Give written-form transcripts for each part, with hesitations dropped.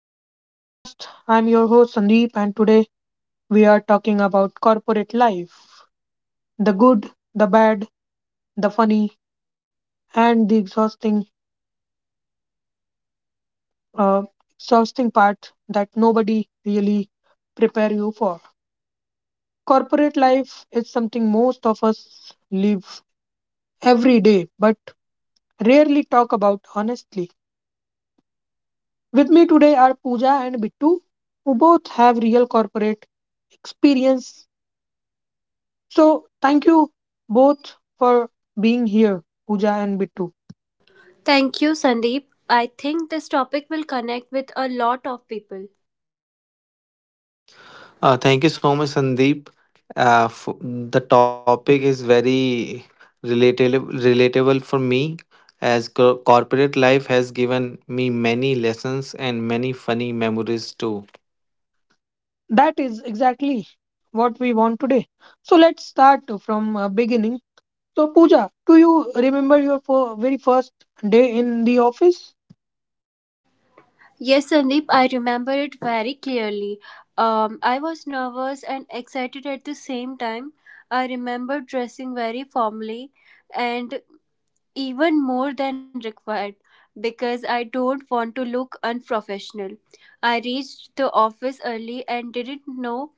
to the podcast. I'm your host, Sandeep, and today we are talking about corporate life, the good, the bad, the funny, and the uh, exhausting part that nobody really prepare you for. Corporate life is something most of us live every day but rarely talk about honestly. With me today are Pooja and Bittu, who both have real corporate experience. So thank you both for being here, Pooja and Bittu. Thank you, Sandeep. I think this topic will connect with a lot of people. Thank you so much, Sandeep. The topic is very relatable for me, as corporate life has given me many lessons and many funny memories too. That is exactly what we want today. So let's start from beginning. So Pooja, do you remember your very first day in the office? Yes, Sandeep, I remember it very clearly. I was nervous and excited at the same time. I remember dressing very formally and even more than required because I don't want to look unprofessional. I reached the office early and didn't know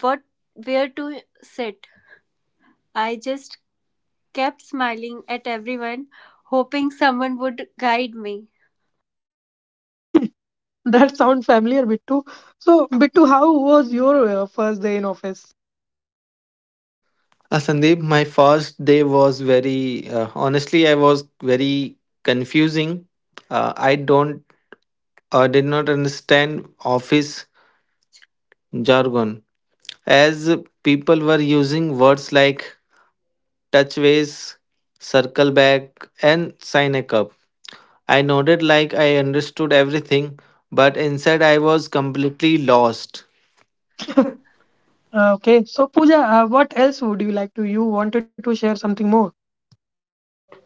what where to sit. I just kept smiling at everyone, hoping someone would guide me. That sounds familiar, Bittu. So Bittu, how was your first day in office? Sandeep, my first day was very honestly, I was very confusing. I don't, did not understand office jargon as people were using words like touchways, circle back, and sign a cup. I nodded like I understood everything, but inside I was completely lost. Okay. So Pooja, what else would you like to? You wanted to share something more?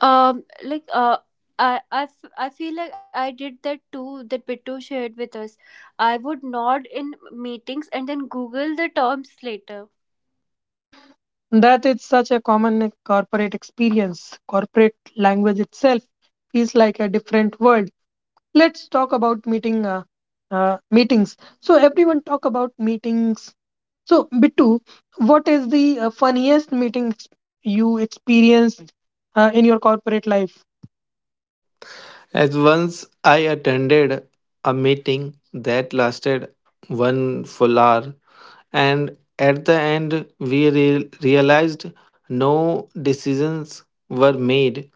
Um, like uh, I feel like I did that too that Bittu shared with us. I would nod in meetings and then Google the terms later. That is such a common, like, corporate experience. Corporate language itself feels like a different world. Let's talk about meetings. So everyone talk about meetings. So Bittu, what is the funniest meeting you experienced in your corporate life? As once I attended a meeting that lasted one full hour, and at the end we realized no decisions were made.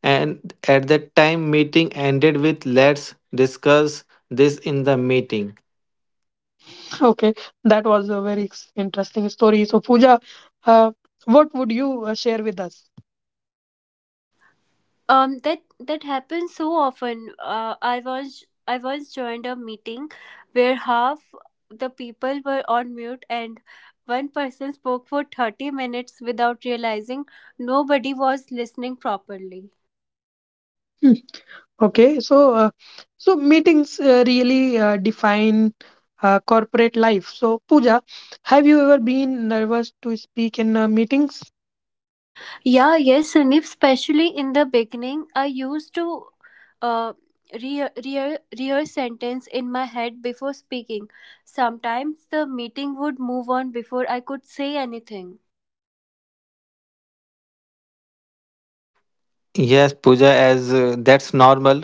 And at that time, meeting ended with let's discuss this in the meeting. Okay, that was a very interesting story. So Pooja, uh, what would you share with us? That happens so often. I once joined a meeting where half the people were on mute and one person spoke for 30 minutes without realizing nobody was listening properly. Okay, so so meetings really define corporate life. So Pooja, have you ever been nervous to speak in meetings? Yeah, yes, and if especially in the beginning, I used to uh, rehearse sentence in my head before speaking. Sometimes the meeting would move on before I could say anything. Yes, Pooja, as that's normal.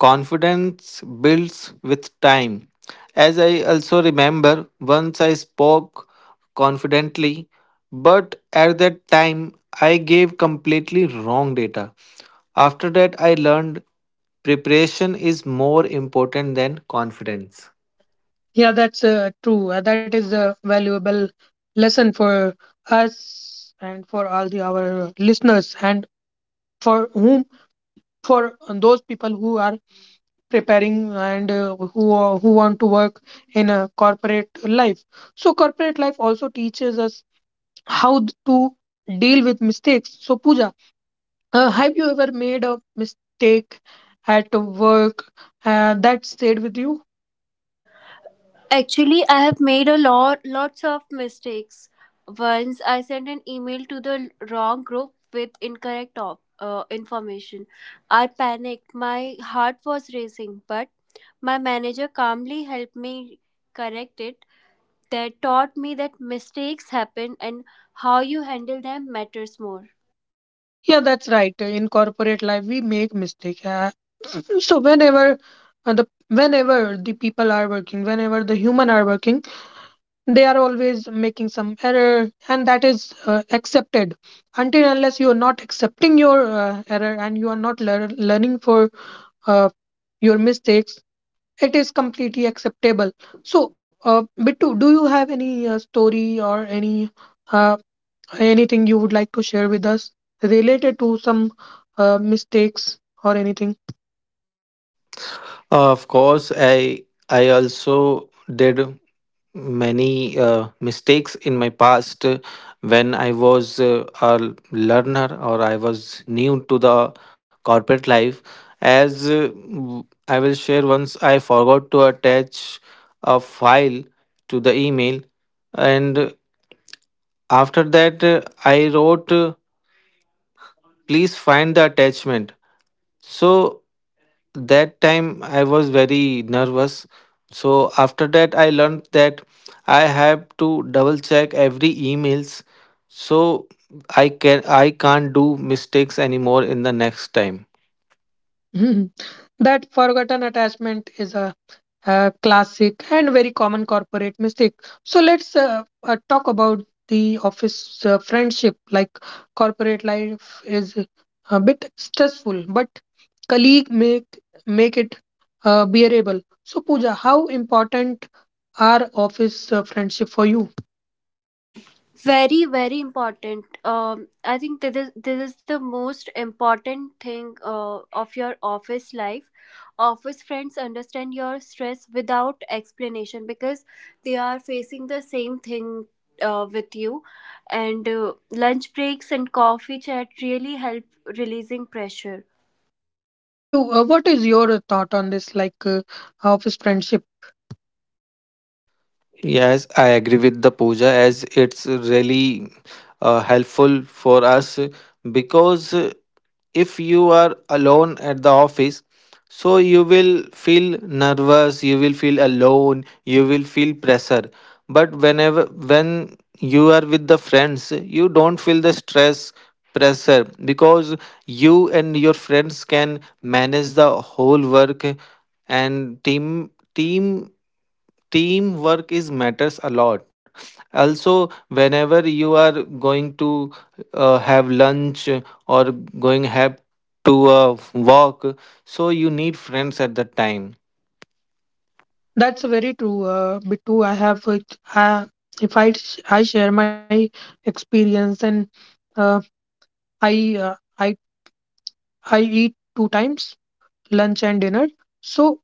Confidence builds with time. As I also remember, once I spoke confidently, but at that time I gave completely wrong data. After that, I learned preparation is more important than confidence. Yeah, that's true. That is a valuable lesson for us and for all the our listeners and for whom for those people who are preparing and who want to work in a corporate life. So corporate life also teaches us how to deal with mistakes. So Pooja, uh, have you ever made a mistake at work that stayed with you? Actually, I have made a lot lots of mistakes. Once I sent an email to the wrong group with incorrect information. I panicked. My heart was racing, but my manager calmly helped me correct it. That taught me that mistakes happen, and how you handle them matters more. Yeah, that's right. In corporate life, we make mistake. So whenever the whenever the people are working, whenever the human are working, they are always making some error, and that is accepted. Until unless you are not accepting your error and you are not learning for uh, your mistakes, it is completely acceptable. So, Bittu, do you have any story or any uh, anything you would like to share with us related to some mistakes or anything? Of course, I also did many mistakes in my past when I was a learner or I was new to the corporate life. I will share once, I forgot to attach a file to the email, and after that, I wrote, "Please find the attachment." So that time I was very nervous. So after that I learned that I have to double check every emails, so I can't do mistakes anymore in the next time. That forgotten attachment is a classic and very common corporate mistake. So let's talk about the office friendship. Like corporate life is a bit stressful, but colleague make it bearable. So Pooja, how important are office friendship for you? Very, very important. I think this is the most important thing of your office life. Office friends understand your stress without explanation because they are facing the same thing with you. And lunch breaks and coffee chat really help releasing pressure. Bittu, what is your thought on this? Like, office friendship. Yes, I agree with the puja as it's really helpful for us because if you are alone at the office, so you will feel nervous, you will feel alone, you will feel pressure. But whenever when you are with the friends, you don't feel the stress pressure because you and your friends can manage the whole work and team teamwork is matters a lot. Also whenever you are going to have lunch or going have to a walk, so you need friends at that time. That's very true, Bittu. I have, uh, if I share my experience and uh, I uh, I I eat two times, lunch and dinner. So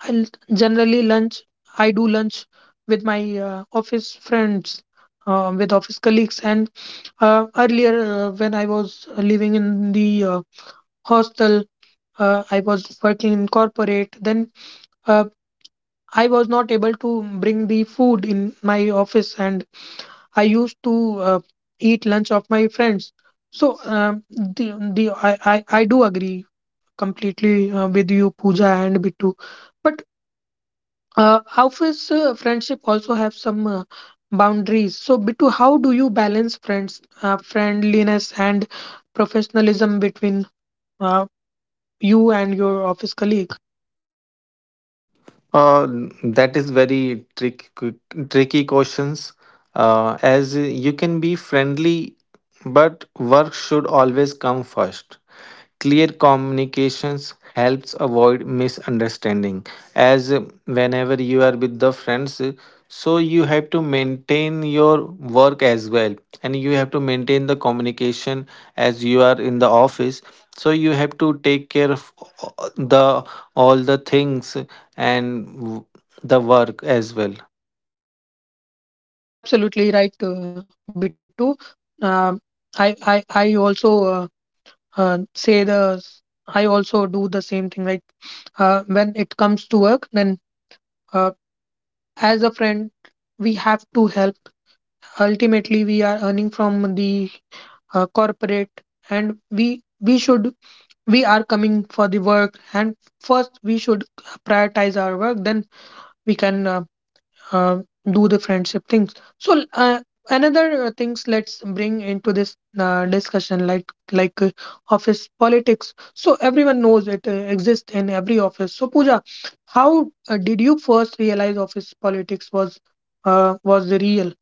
I generally lunch I do lunch with my office friends, with office colleagues. And earlier when I was living in the hostel, I was working in corporate. Then uh, I was not able to bring the food in my office, and I used to uh, eat lunch of my friends. So the I do agree completely with you, Pooja and Bittu. But office friendship also have some boundaries. So, Bittu, how do you balance friends, friendliness and professionalism between uh, you and your office colleague? uh, that is very tricky questions, as you can be friendly but work should always come first. Clear communications helps avoid misunderstanding, as whenever you are with the friends, so you have to maintain your work as well and you have to maintain the communication. As you are in the office, so you have to take care of a- the all the things, and the work as well. Absolutely right, Bittu. Uh, I also uh, say the, I also do the same thing, right? Uh, when it comes to work, then, uh, as a friend, we have to help. Ultimately we are earning from the corporate, and we should, we are coming for the work, and first we should prioritize our work, then we can uh, do the friendship things. So another things, let's bring into this discussion, like, office politics. So everyone knows it exists in every office. So Pooja, how did you first realize office politics was real?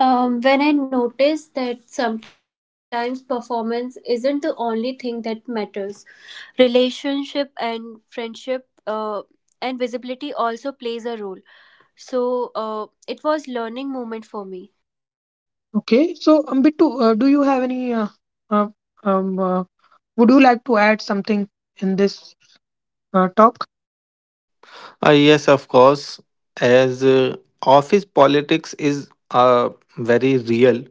When I notice that sometimes performance isn't the only thing that matters, relationship and friendship, and visibility also plays a role. So it was learning moment for me. Okay, so Bittu, do you have any? Uh, um, uh, would you like to add something in this talk? Yes of course. As office politics is very real.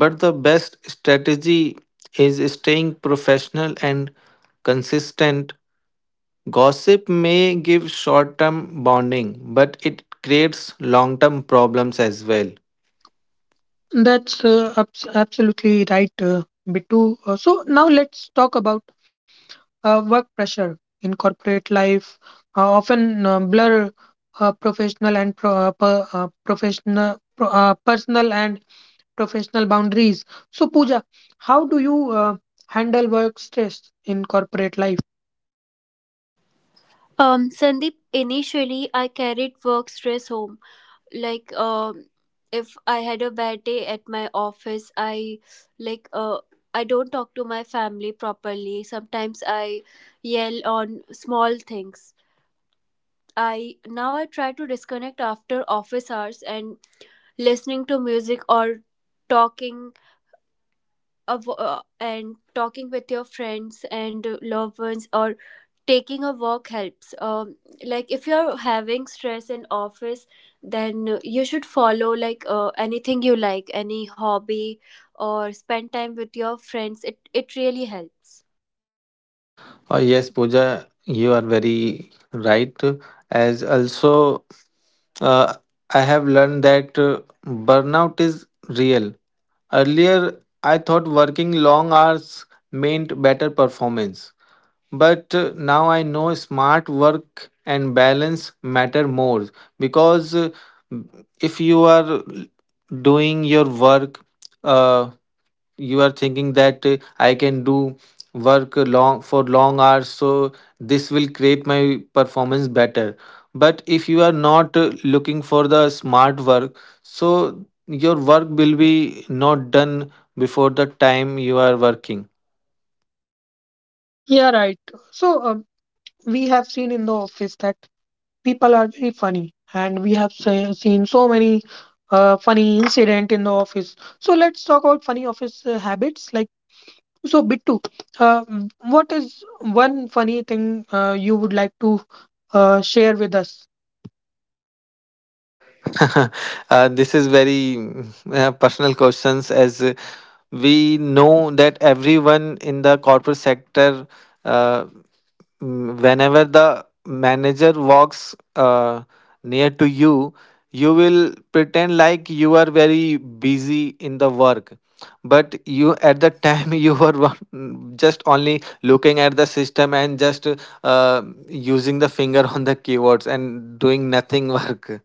But the best strategy is staying professional and consistent. Gossip may give short term bonding, but it creates long term problems as well. That's absolutely right, Bittu. So now let's talk about work pressure in corporate life. Often blur professional, personal and professional boundaries. So Pooja, how do you handle work stress in corporate life? Sandeep, initially I carried work stress home. Like, if I had a bad day at my office, I like uh, I don't talk to my family properly. Sometimes I yell on small things. I now I try to disconnect after office hours, and listening to music or talking talking with your friends and loved ones, or taking a walk helps. Like if you're having stress in office, then you should follow anything you like, any hobby, or spend time with your friends. It really helps. Oh, yes, Pooja, you are very right. As also, uh, I have learned that burnout is real. Earlier, I thought working long hours meant better performance. But now I know smart work and balance matter more, because if you are doing your work, uh, you are thinking that I can do work long for long hours, so this will create my performance better. But if you are not looking for the smart work, so your work will be not done before the time you are working. Yeah, right. So we have seen in the office that people are very funny, and we have seen so many funny incident in the office. So let's talk about funny office habits. Like, so Bittu, uh, w- what is one funny thing you would like to share with us? This is very personal questions, as we know that everyone in the corporate sector, uh, whenever the manager walks near to you, you will pretend like you are very busy in the work, but you at the time you were just only looking at the system and just uh, using the finger on the keywords and doing nothing work.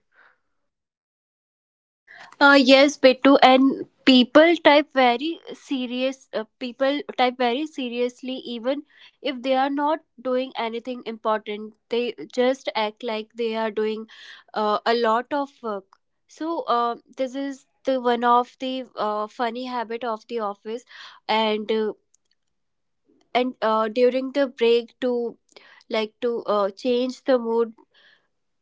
Yes, Bittu, and people type very seriously, even if they are not doing anything important. They just act like they are doing a lot of work. So, this is the one of the funny habit of the office, and uh, and during the break to like to change the mood.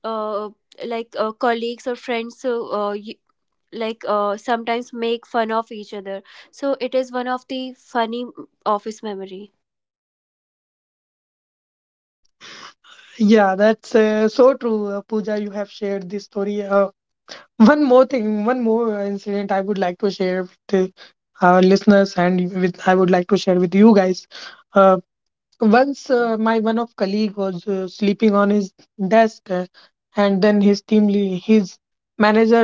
Uh, Colleagues or friends, so, sometimes make fun of each other. So it is one of the funny office memory. Yeah, that's so true. Uh, Pooja, you have shared this story. Uh, one more thing, one more incident I would like to share with our listeners, and with I would like to share with you guys. Once my one of colleague was sleeping on his desk, and then his manager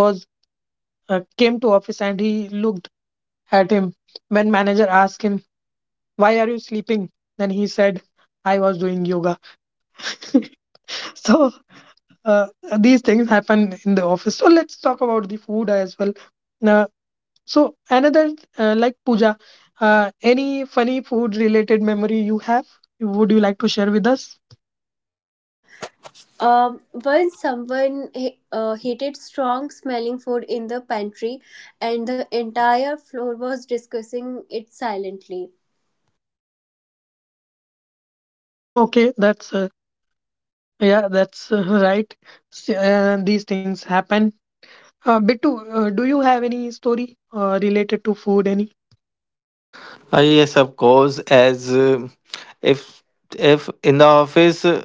was came to office, and he looked at him. When manager asked him, "Why are you sleeping?" then he said, "I was doing yoga." So, uh, these things happen in the office. So let's talk about the food as well. Uh, so another, like, Pooja, any funny food related memory you have? Would you like to share with us? Once someone heated strong smelling food in the pantry, and the entire floor was discussing it silently. Okay, that's yeah, that's right. These things happen. Bittu, do you have any story related to food? Any? Yes, of course. As if if in the office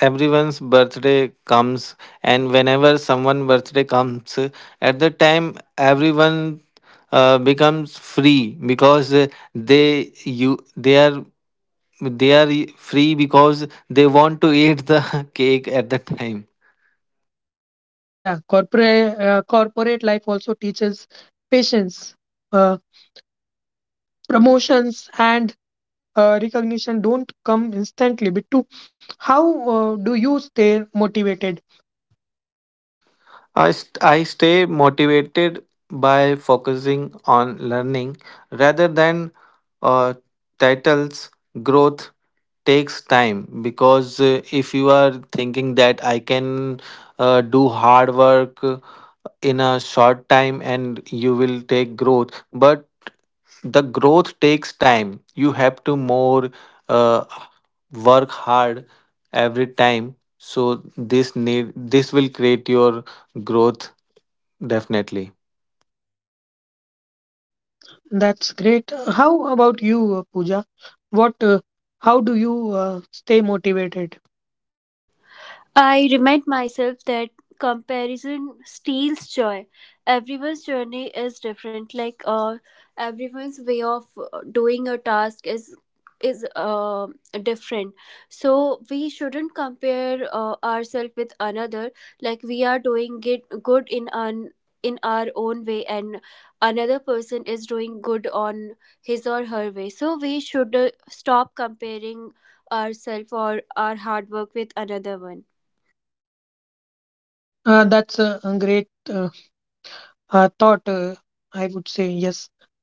everyone's birthday comes, and whenever someone birthday comes, at the time everyone becomes free because they are free because they want to eat the cake at the time. Yeah, corporate life also teaches patience. Uh, promotions and recognition don't come instantly. Bittu, how do you stay motivated? I stay motivated by focusing on learning rather than uh, titles. Growth takes time, because if you are thinking that I can do hard work in a short time and you will take growth, but the growth takes time. You have to more uh, work hard every time, so this will create your growth definitely. Uh, that's great. How about you, Pooja? What? How do you stay motivated? I remind myself that comparison steals joy. Everyone's journey is different. Everyone's way of doing a task is is uh, different. So we shouldn't compare ourselves with another. Like, we are doing it good in an in our own way, and another person is doing good on his or her way. So we should stop comparing ourselves or our hard work with another one. That's a great thought, I would say. Yes,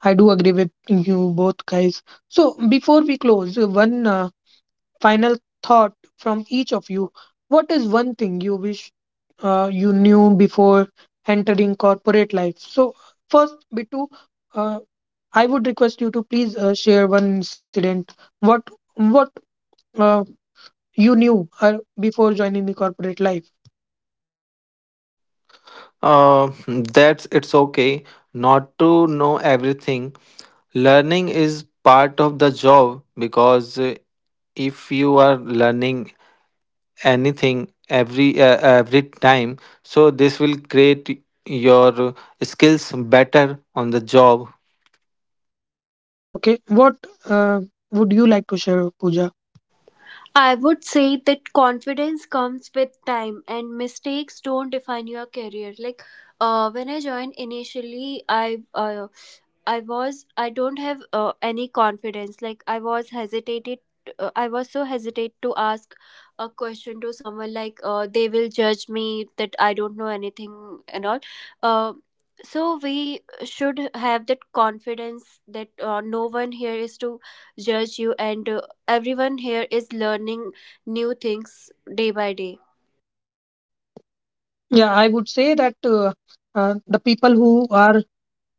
I do agree with you both guys. So before we close, one final thought from each of you. What is one thing you wish you knew before entering corporate life? So first, Bitu, uh, I would request you to please share one incident, what what uh, you knew uh, before joining the corporate life. uh, that's it's okay not to know everything. Learning is part of the job, because if you are learning anything every time, so this will create your skills better on the job. Okay, what uh, would you like to share, Pooja? I would say that confidence comes with time and mistakes don't define your career. Like, when I joined initially, I don't have any confidence. Like, I was hesitated. I was so hesitate to ask a question to someone, like they will judge me that I don't know anything and all. Uh, so we should have that confidence that no one here is to judge you, and everyone here is learning new things day by day. Yeah, I would say that the people who are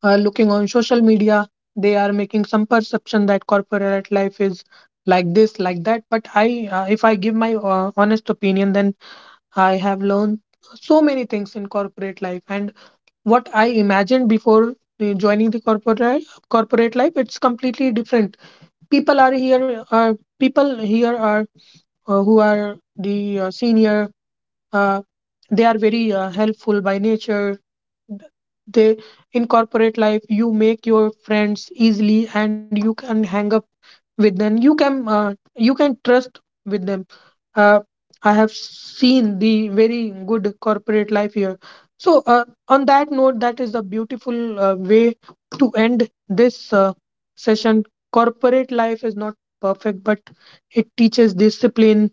looking on social media, they are making some perception that corporate life is like this, like that. But I, if I give my honest opinion, then I have learned so many things in corporate life, and what I imagined before joining the corporate life, it's completely different. People are here, people here are who are the senior. Uh, they are very helpful by nature. They, in corporate life, you make your friends easily, and you can hang up with them, you can trust with them. Uh, I have seen the very good corporate life here. So on that note, that is a beautiful way to end this session. Corporate life is not perfect, but it teaches discipline,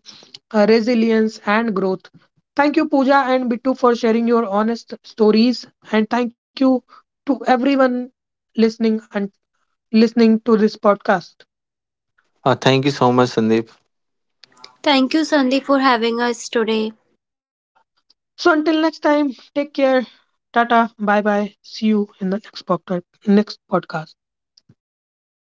resilience, and growth. Thank you, Pooja and Bittu, for sharing your honest stories, and thank you to everyone listening and listening to this podcast. Thank you so much, Sandeep. Thank you, Sandeep, for having us today. So until next time, take care. Tata. Bye bye. See you in the next podcast. Next podcast.